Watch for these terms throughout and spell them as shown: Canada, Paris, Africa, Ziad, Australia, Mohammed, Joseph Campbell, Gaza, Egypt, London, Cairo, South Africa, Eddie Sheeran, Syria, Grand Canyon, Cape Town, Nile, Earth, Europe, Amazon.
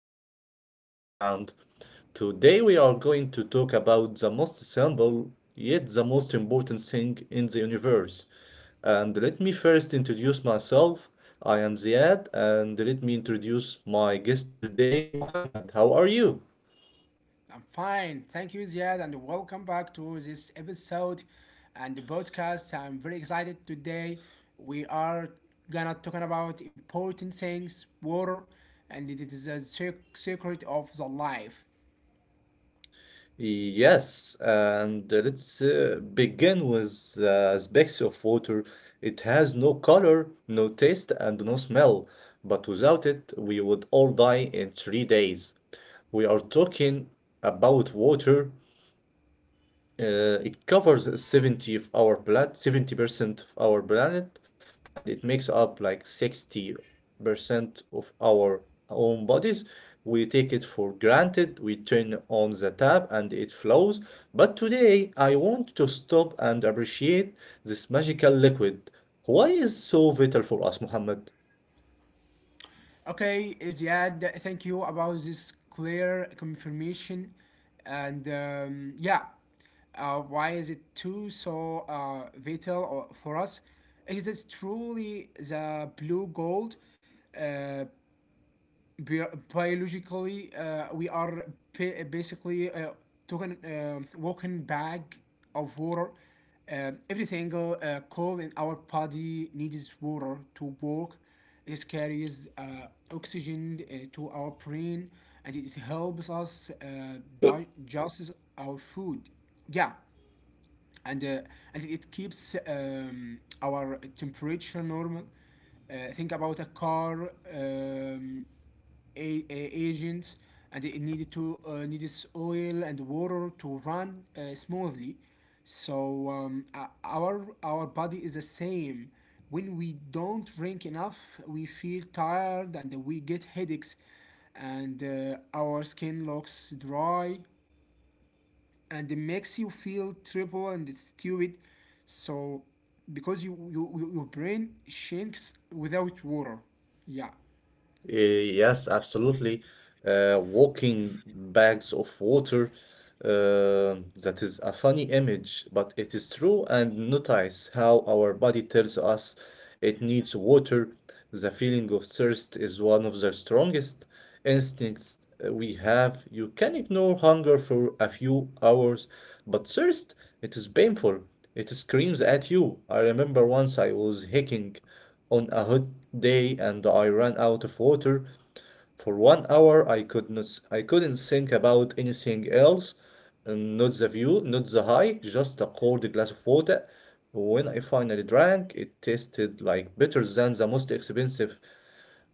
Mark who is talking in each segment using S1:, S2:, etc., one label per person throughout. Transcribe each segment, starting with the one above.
S1: to the Model Playground. Today, we are going to talk about the most simple yet the most important thing in the universe. And let me first introduce myself. I am Ziad, and let me introduce my guest today, Mohammed. How are you?
S2: I'm fine. Thank you, Ziad, and welcome back to this episode and the podcast. I'm very excited today. We are gonna talking about important things, water, and it is a secret of the life.
S1: Yes, and let's begin with the aspects of water. It has no color, no taste, and no smell. But without it, we would all die in 3 days. We are talking about water. It covers 70 of our blood, 70% of our planet, and it makes up like 60% of our own bodies. We take it for granted, we turn on the tap and it flows. But today I want to stop and appreciate this magical liquid. Why is so vital for us, Muhammad?
S2: Okay, Ziad, thank you about this clear confirmation, and why is it too so vital or for us? It is truly the blue gold. Uh, Biologically we are basically taking walking bag of water. Every single cell in our body needs water to work. It carries oxygen to our brain, and it helps us digest our food. Yeah and uh, and it keeps our temperature normal. Think about a car, agents, and it needed to needs oil and water to run smoothly. Our body is the same. When we don't drink enough, we feel tired and we get headaches, and our skin looks dry, and it makes you feel triple and stupid. So because your brain shrinks without water. Yeah.
S1: Uh, Yes, absolutely. Walking bags of water, uh, that is a funny image, but it is true. And notice how our body tells us it needs water. The feeling of thirst is one of the strongest instincts we have. You can ignore hunger for a few hours, but thirst, it is painful. It screams at you. I remember once I was hiking on a hot day and I ran out of water. For 1 hour, I couldn't think about anything else, and not the view, not the hike, just a cold glass of water. When I finally drank, it tasted like better than the most expensive,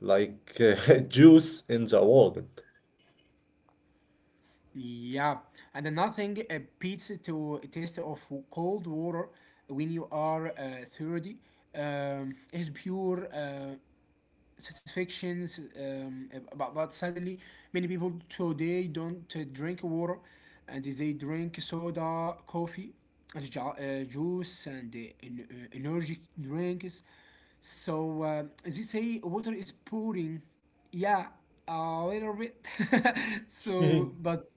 S1: like juice in the world.
S2: Yeah. And another thing beats to a taste of cold water when you are 30, is pure satisfactions. But suddenly many people today don't drink water, and they drink soda, coffee, and juice, and energy drinks. So they say water is pouring, yeah, a little bit. so but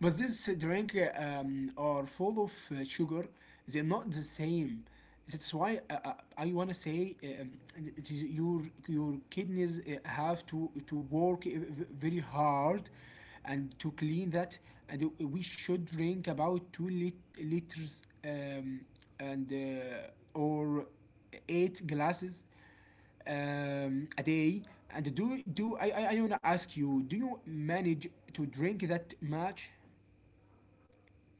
S2: but this drink are full of sugar. They're not the same. That's why I wanna say, it is your kidneys have to work very hard, and to clean that. And we should drink about two liters, and or 8 glasses a day. And do do I wanna ask you, do you manage to drink that much?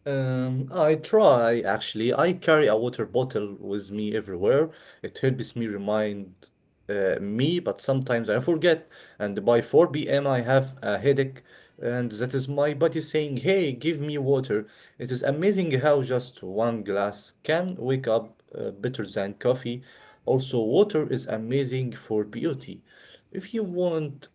S1: I try actually. I carry a water bottle with me everywhere. It helps me remind me, but sometimes I forget. And by 4 p.m., have a headache, and that is my body saying, "Hey, give me water." It is amazing how just one glass can wake up better than coffee. Also, water is amazing for beauty. If you want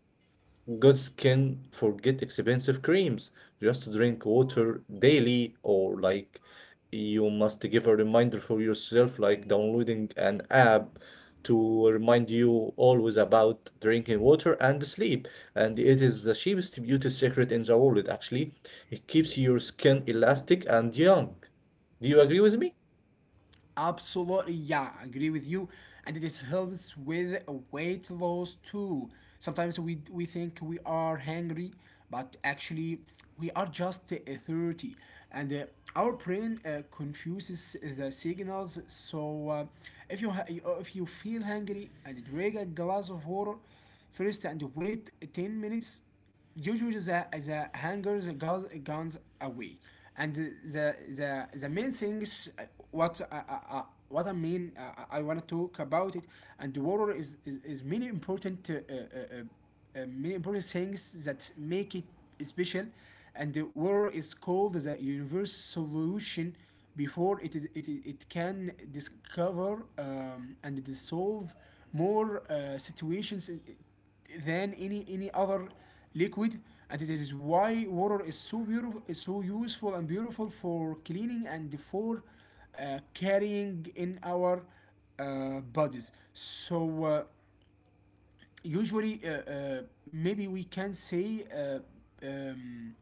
S1: Goats can forget expensive creams, just drink water daily, or like you must give a reminder for yourself, like downloading an app to remind you always about drinking water and sleep. And it is the cheapest beauty secret in the world, actually. It keeps your skin elastic and young. Do you agree with me?
S2: Absolutely, yeah, I agree with you. And it helps with weight loss too. Sometimes we think we are hungry, but actually we are just thirsty, and our brain confuses the signals. So if you feel hungry and drink a glass of water first and wait 10 minutes, usually the hangers guns, guns away. And the main things uh, what I, I, what I mean, I want to talk about it. And the water is many important, many important things that make it special. And the water is called the universe solution, before it can discover and dissolve more situations than any other liquid. And this is why water is so beautiful, so useful and beautiful for cleaning and for carrying in our bodies. So usually Maybe we can say, um,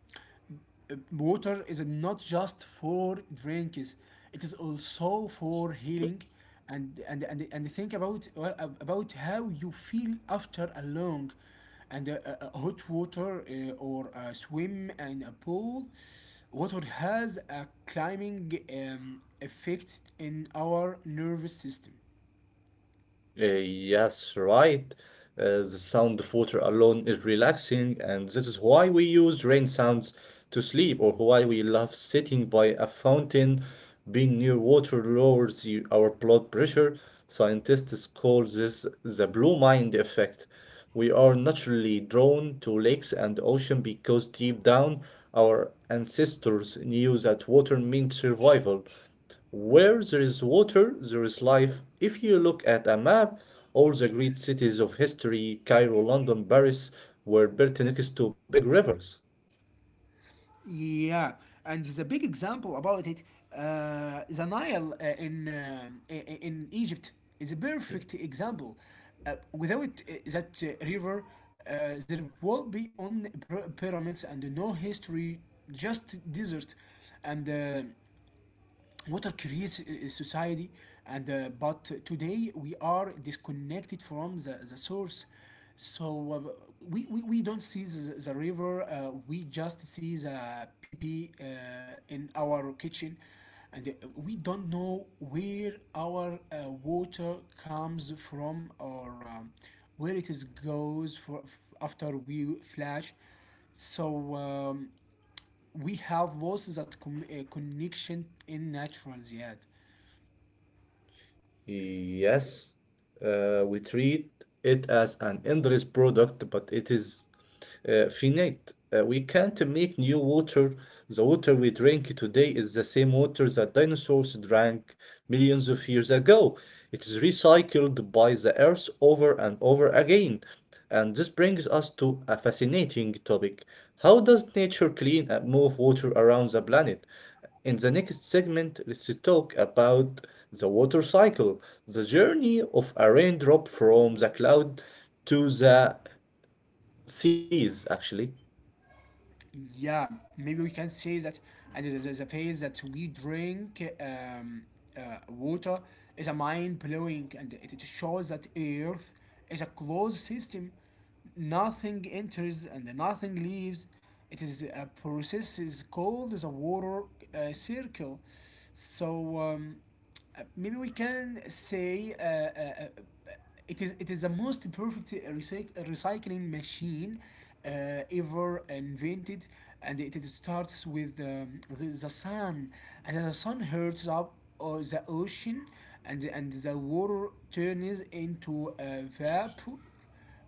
S2: water is not just for drinks, it is also for healing. And think about well, about how you feel after a long and hot water or a swim in a pool. Water has a calming effect in our nervous system.
S1: Yes, right. The sound of water alone is relaxing, and this is why we use rain sounds to sleep, or why we love sitting by a fountain. Being near water lowers you, our blood pressure. Scientists call this the blue mind effect. We are naturally drawn to lakes and ocean because deep down, our ancestors knew that water meant survival. Where there is water, there is life. If you look at a map, all the great cities of history, Cairo, London, Paris, were built next to big rivers.
S2: Yeah, and the big example about it, the Nile in Egypt is a perfect example. Without that river, there will be only pyramids and no history, just desert. And water creates society. And uh, but today we are disconnected from the source. So we don't see the river, we just see the pee pee in our kitchen. And we don't know where our water comes from, or where it is goes for after we flash. so um, we have losses at connection in natural yet.
S1: Yes, we treat it as an endless product, but it is finite. We can't make new water. The water we drink today is the same water that dinosaurs drank millions of years ago. It is recycled by the earth over and over again. And this brings us to a fascinating topic. How does nature clean and move water around the planet? In the next segment, let's talk about the water cycle, the journey of a raindrop from the cloud to the seas, actually.
S2: Yeah, maybe we can say that. And the phase that we drink uh, water is a mind blowing, and it shows that Earth is a closed system. Nothing enters and nothing leaves. It is a process is called the water circle. So um, maybe we can say, uh, uh, it is the most perfect recycling machine uh, ever invented. And starts with the sun. And the sun heats up the ocean, and the water turns into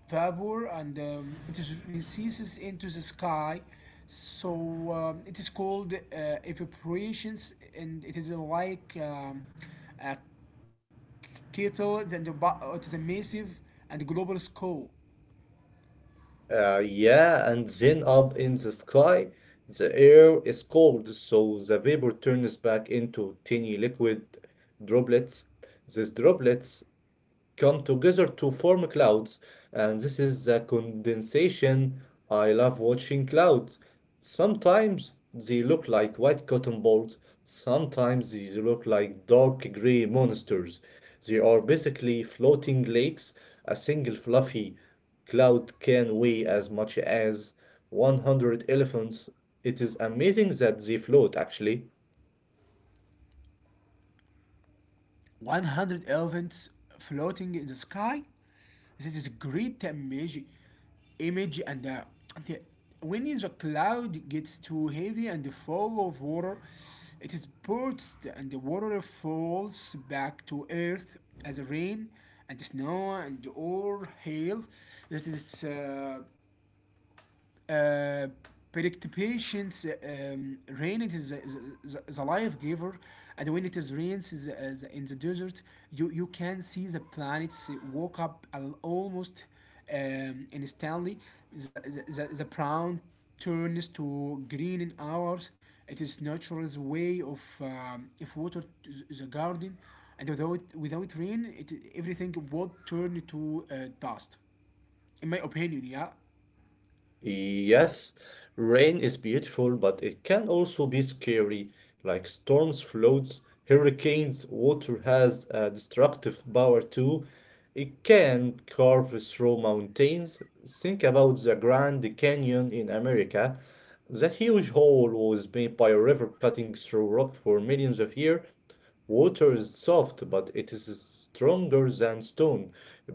S2: vapor, and it is releases into the sky. It is called evaporation. And it is like a kettle. It is a massive and global scale.
S1: Yeah, and then up in the sky, the air is cold, so the vapor turns back into tiny liquid droplets. These droplets come together to form clouds, and this is the condensation. I love watching clouds. Sometimes they look like white cotton balls, sometimes they look like dark gray monsters. They are basically floating lakes. A single fluffy cloud can weigh as much as 100 elephants. It is amazing that they float, actually.
S2: 100 elephants floating in the sky. This is a great image. The, when the cloud gets too heavy and full of water, it is burst and the water falls back to earth as rain and snow and or hail. This is uh, patience. Rain, it is a life giver. And when it is rains is in the desert, you can see the planets walk up almost instantly. The brown turns to green in hours. It is nature's way of water to the garden. And without rain, it everything would turn to dust. In my opinion, yeah.
S1: Yes, rain is beautiful, but it can also be scary, like storms, floods, hurricanes. Water has a destructive power too. It can carve through mountains. Think about the Grand Canyon in America. That huge hole was made by a river cutting through rock for millions of years. Water is soft, but it is stronger than stone.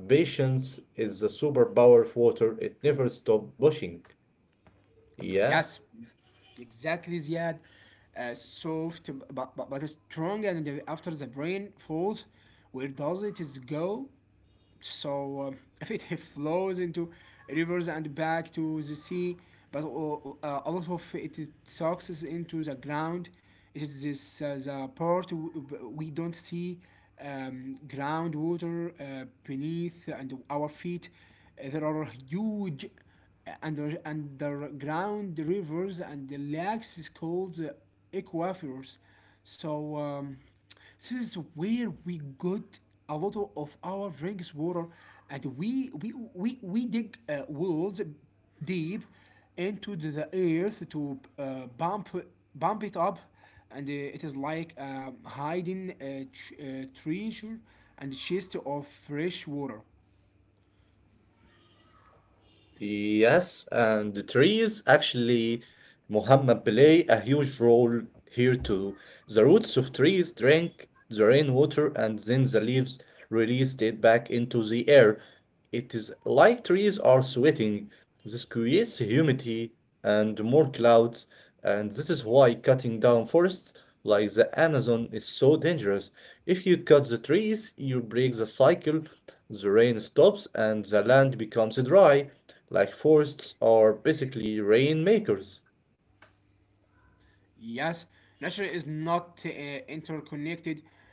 S1: Patience is the superpower of water. It never stops pushing. Yeah.
S2: Yes, exactly, Ziad. Soft but strong. And after the brain falls, where does it is go? So, if it flows into rivers and back to the sea, but a lot of it is sucks into the ground. It is this the part we don't see, groundwater beneath and our feet. There are huge underground rivers, and the lakes is called aquifers. So um, this is where we got a lot of our drinks water. And we dig wells deep into the earth to bump it up. And it is like hiding a, a treasure and chest of fresh water.
S1: Yes, and the trees actually, Muhammad, play a huge role here too. The roots of trees drink the rainwater and then the leaves release it back into the air. It is like trees are sweating. This creates humidity and more clouds, and this is why cutting down forests like the Amazon is so dangerous. If you cut the trees, you break the cycle, the rain stops, and the land becomes dry. Like forests are basically rainmakers.
S2: Yes, nature is not interconnected.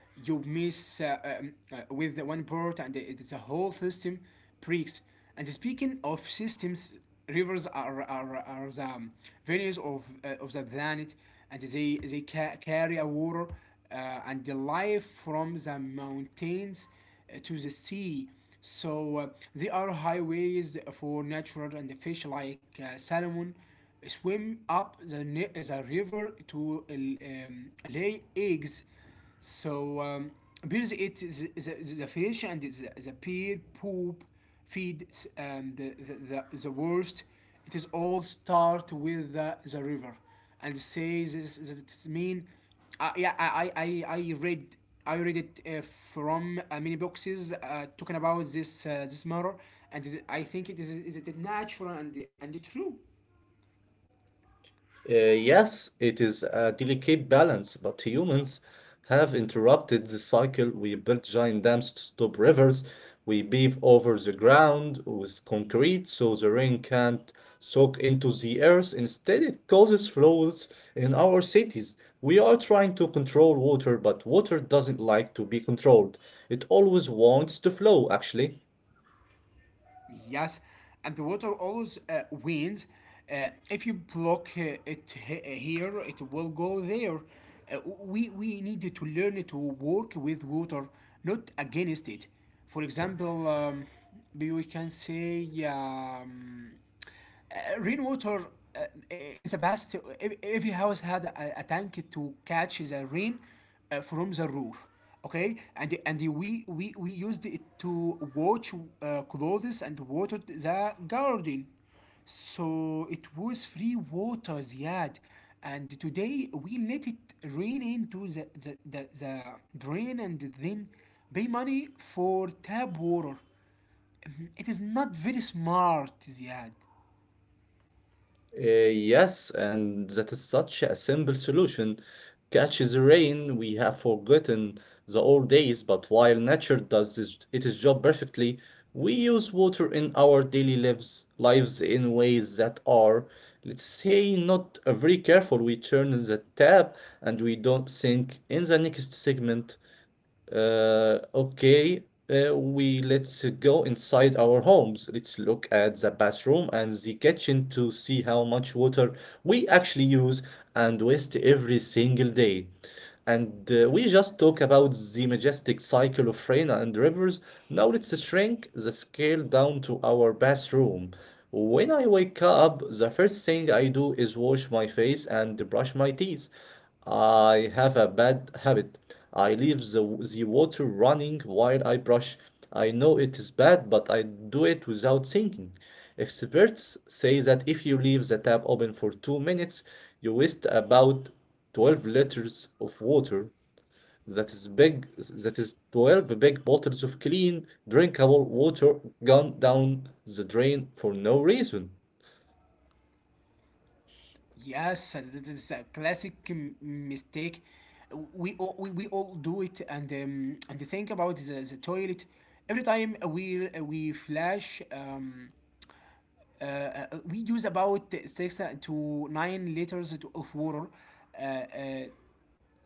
S2: You miss with one part, and it is a whole system breaks. And speaking of systems, rivers are the venues of the planet. And they carry a water and the life from the mountains to the sea. So they are highways for natural, and fish like salmon swim up the river to lay eggs. So um, bears eat the fish, and the pear poop feeds and the worst. It is all start with the river, and says this, this it's mean. Uh, yeah, I, I, I read I read it from many boxes talking about this this matter. And I think it is it natural and true.
S1: Yes, it is a delicate balance, but humans have interrupted the cycle. We built giant dams to stop rivers. We pave over the ground with concrete so the rain can't soak into the earth. Instead, it causes floods in our cities. We are trying to control water, but water doesn't like to be controlled. It always wants to flow, actually.
S2: Yes, and the water always wins. If you block here, it will go there. We need to learn to work with water, not against it. For example, we can say, rainwater uh, is the best. Every house had a tank to catch the rain from the roof. Okay, and we used it to wash clothes and water the garden. So it was free water, Ziad. And today we let it rain into the drain, and then pay money for tap water. Mhm. It is not very smart, Ziad.
S1: Yes, and that is such a simple solution. Catch the rain, we have forgotten the old days, but while nature does this, it its job perfectly, we use water in our daily lives in ways that are, let's say, not very careful. We turn the tap and we don't think in the next segment. Okay, we Let's go inside our homes. Let's look at the bathroom and the kitchen to see how much water we actually use and waste every single day. And we just talk about the majestic cycle of rain and rivers. Now let's shrink the scale down to our bathroom. When I wake up, the first thing I do is wash my face and brush my teeth. I have a bad habit. I leave the water running while I brush. I know it is bad, but I do it without thinking. Experts say that if you leave the tap open for 2 minutes, you waste about 12 liters of water. That is big, that is 12 big bottles of clean, drinkable water gone down the drain for no reason.
S2: Yes, that is a classic mistake. We all do it. And think about the toilet. Every time we flush, we use about 6 to 9 liters of water. Uh, uh,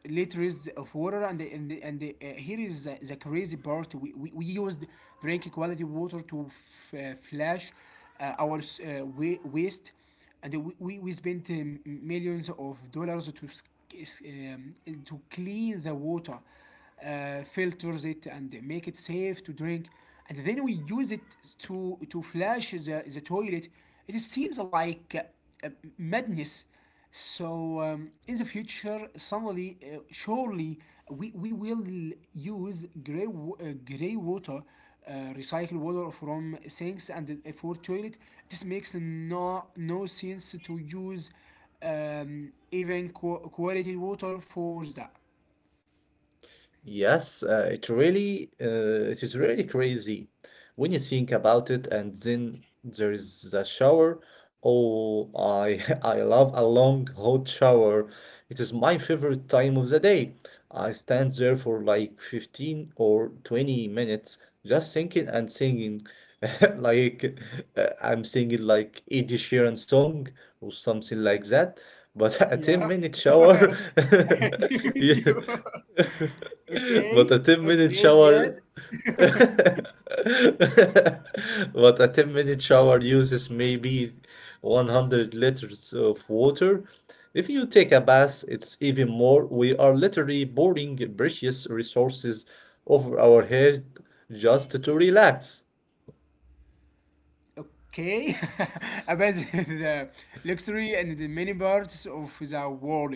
S2: liters of water and the, and the, and the, Here is the crazy part, we used drink quality water to flush uh, our s- uh, waste. And we spent millions of dollars um, to clean the water, filters it and make it safe to drink, and then we use it to flush the toilet. It seems like uh, madness. In the future, suddenly, surely, we will use gray water, uh, recycled water from sinks and for toilet. This makes no sense to use even quality water for that.
S1: Yes, it is really crazy when you think about it, and then there is the shower. Oh, I I love a long hot shower. It is my favorite time of the day. I stand there for like 15 or 20 minutes just thinking and singing like I'm singing like Eddie Sheeran song or something like that. But a 10
S2: Yeah,
S1: minute
S2: I
S1: shower,
S2: agree with
S1: yeah.
S2: you.
S1: but
S2: okay,
S1: a 10-minute
S2: okay, yeah,
S1: shower but a 10-minute shower uses maybe 100 liters of water. If you take a bath, it's even more. We are literally pouring precious resources over our head just to relax.
S2: okay, about the luxury and the many parts of the world.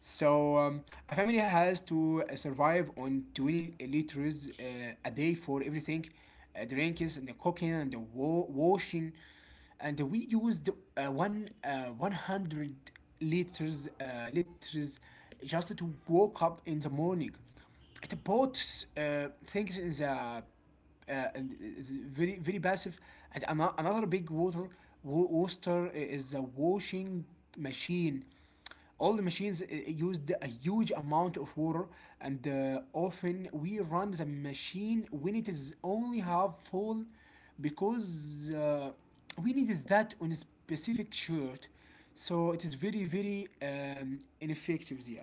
S2: So um, a family has to survive on 20 liters a day for everything, drinks and the cooking and the washing, and we used one 100 liters liters just to wake up in the morning. The boat things is a uh, is very very passive. And another big water wo- is a washing machine. All the machines used a huge amount of water, and often we run the machine when it is only half full, because we needed that on a specific shirt. So it is very very ineffective yet.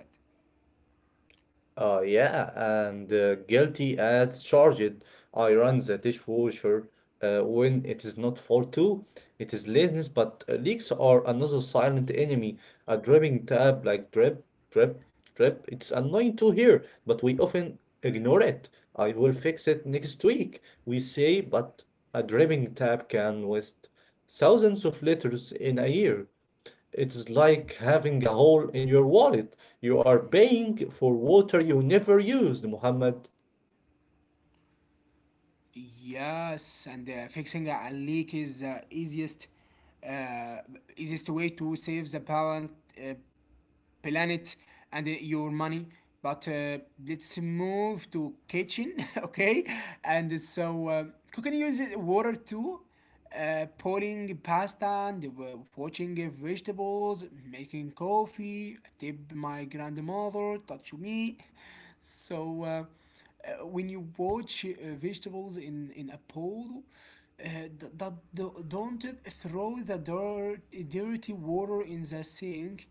S1: Yeah, and Guilty as charged. I run the dishwasher when it is not fault too. It is laziness, but leaks are another silent enemy. A dripping tab like drip, drip, drip. It's annoying to hear, but we often ignore it. "I will fix it next week," we say, but a dripping tab can waste thousands of liters in a year. It's like having a hole in your wallet. You are paying for water you never used, Muhammad.
S2: Yes, and fixing a leak is the uh, easiest way to save the uh, planet and your money. But let's move to kitchen, okay? And so cooking uses water too. Pouring pasta and watching vegetables, making coffee, I tip my grandmother, touch me. So when you watch vegetables in a pool, uh, don't throw the dirty water in the sink,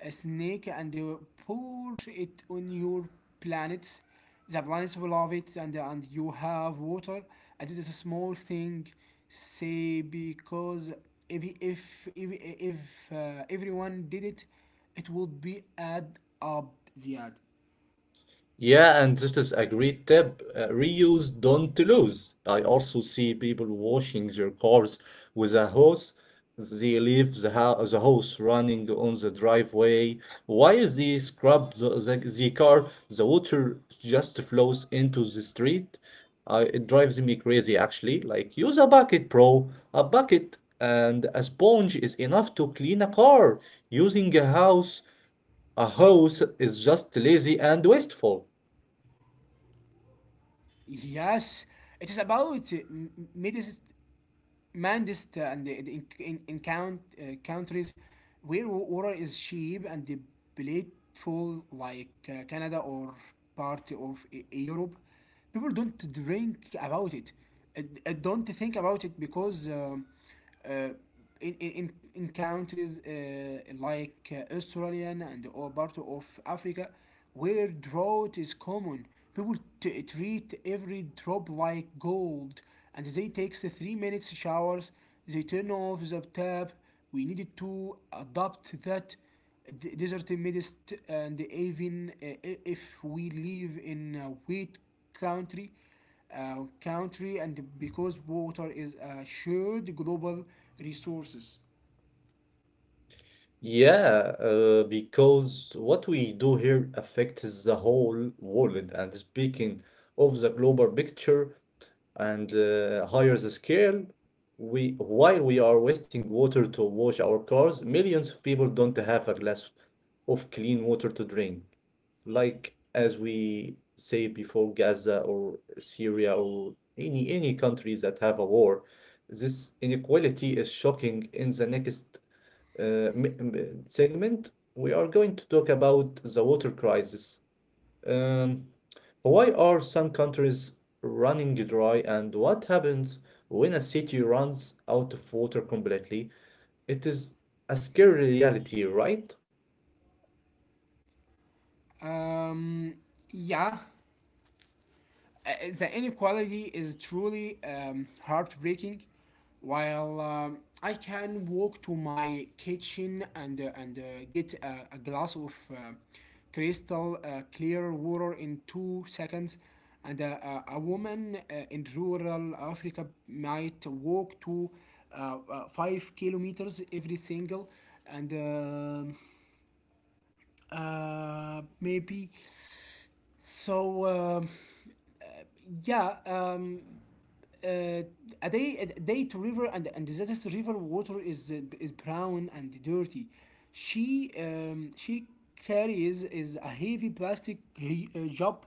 S2: a snake and pour it on your planets. The planets will love it, and you have water. And it is a small thing, say, because if everyone did it, it would be add up the ad.
S1: Yeah, and this is a great tip. Reuse, don't lose. I also see people washing their cars with a hose. They leave the hose running on the driveway. While they scrub the car, the water just flows into the street. It drives me crazy, actually. Like, use a bucket, bro. A bucket and a sponge is enough to clean a car. Using a house, a hose is just lazy and wasteful.
S2: Yes, it is about medicine Mandist and the in countries where water is cheap and the plentiful, like Canada or part of Europe. People don't drink about it. Don't think about it because uh, in, in countries like Australia and all part of Africa where drought is common. People treat every drop like gold, and they take the 3 minutes showers, they turn off the tap. We needed to adopt that desert midst, and even if we live in a wet country country, and because water is a shared global resources.
S1: Yeah, because what we do here affects the whole world. And speaking of the global picture and higher the scale, we while we are wasting water to wash our cars, millions of people don't have a glass of clean water to drink. Like as we say before, Gaza or Syria or any countries that have a war, this inequality is shocking in the next uh, segment, we are going to talk about the water crisis. Um, why are some countries running dry and what happens when a city runs out of water completely? It is a scary reality, right?
S2: um, yeah, uh, the inequality is truly heartbreaking. While I can walk to my kitchen and get a glass of crystal clear water in two seconds, and a, woman in rural Africa might walk to 5 kilometers every single, and maybe so. Yeah. Uh, a day to river, and this river water is brown and dirty. She carries is a heavy plastic he- job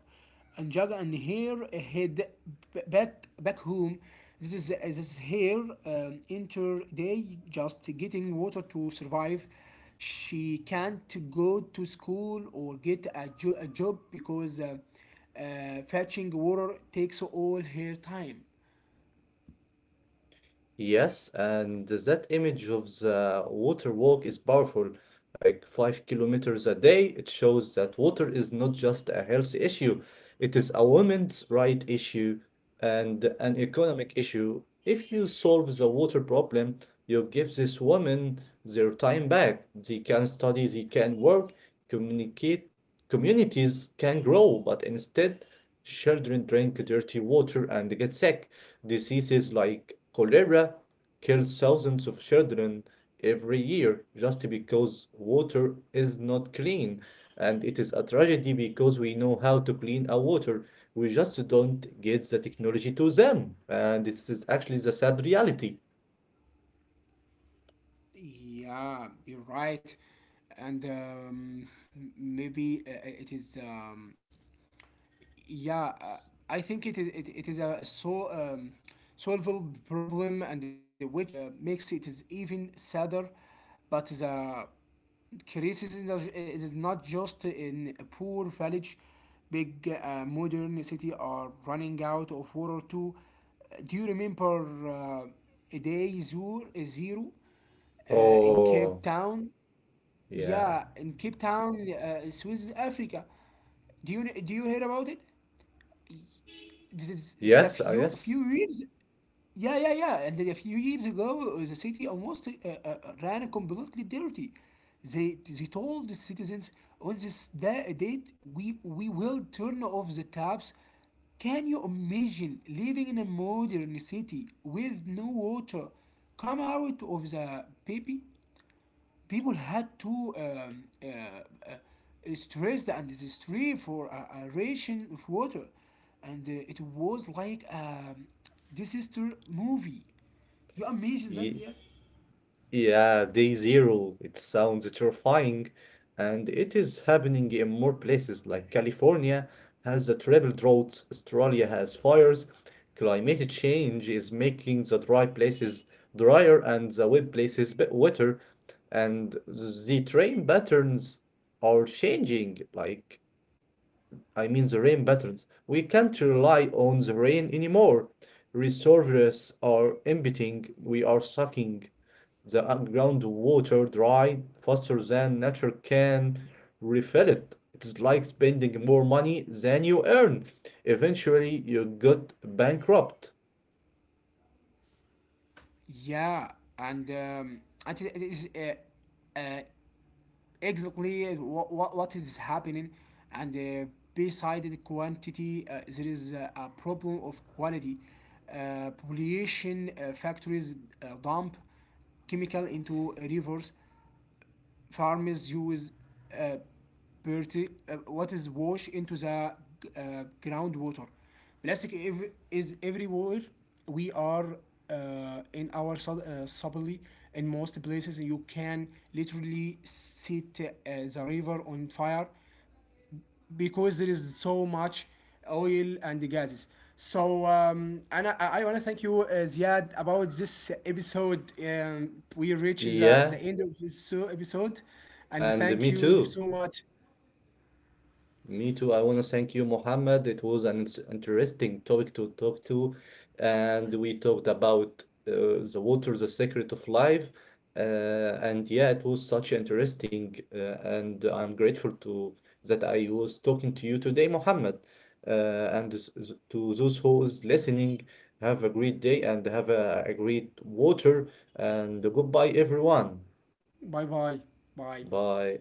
S2: and jug and her head, back home. This is her entire day just getting water to survive. She can't go to school or get a job because fetching water takes all her time.
S1: Yes, and that image of the water walk is powerful. Like 5 kilometers a day, it shows that water is not just a health issue, it is a women's right issue and an economic issue. If you solve the water problem, you give these women their time back. They can study, they can work, communicate, communities can grow, but instead, children drink dirty water and get sick. Diseases like cholera kill thousands of children every year just because water is not clean. And it is a tragedy because we know how to clean our water. We just don't get the technology to them. And this is actually the sad reality.
S2: Yeah, you're right. And maybe it is. Yeah uh, I think it is a solvable problem, and which makes it is even sadder. But the criticism is it is not just in a poor village. Big modern city are running out of water too. Do you remember day zero, zero in
S1: Oh,
S2: Cape Town?
S1: yeah.
S2: Yeah, in Cape Town, South Africa. Do you hear about it? It's a
S1: Yes, yes.
S2: few years. Yeah, and then a few years ago, the city almost ran completely dirty. They told the citizens, on this date we will turn off the taps. Can you imagine living in a modern city with no water? Come out of the baby? People had to stress the, and this, for a ration of water, and it was like a disaster movie. You imagine that?
S1: Ye-
S2: Yeah.
S1: Yeah, day zero. It sounds terrifying, and it is happening in more places like California has the triple droughts, Australia has fires. Climate change is making the dry places drier and the wet places bit wetter, and the rain patterns are changing. Like, I mean, the rain patterns. We can't rely on the rain anymore. Reservoirs are emptying, we are sucking. The underground water dry faster than nature can refill it. It's like spending more money than you earn. Eventually, you got bankrupt.
S2: Yeah, and um, and it is uh, exactly what is happening. And beside the quantity, there is a problem of quality. Pollution, factories dump chemical into rivers. Farmers use uh, what is wash into the groundwater. Plastic is everywhere. We are in our subtly in most places. You can literally set the river on fire because there is so much oil and gases. So أنا I wanna thank you Ziad about this episode. We reach
S1: Yeah,
S2: the end of this episode, and
S1: and me
S2: thank you
S1: too.
S2: so much.
S1: Me too. I want to thank you, Mohammed. It was an interesting topic to talk to, and we talked about the water, the secret of life. And yeah, it was such interesting, and I'm grateful to that I was talking to you today, Mohammed. To those who is listening, have a great day and have a great water. And goodbye, everyone.
S2: Bye bye bye.
S1: Bye.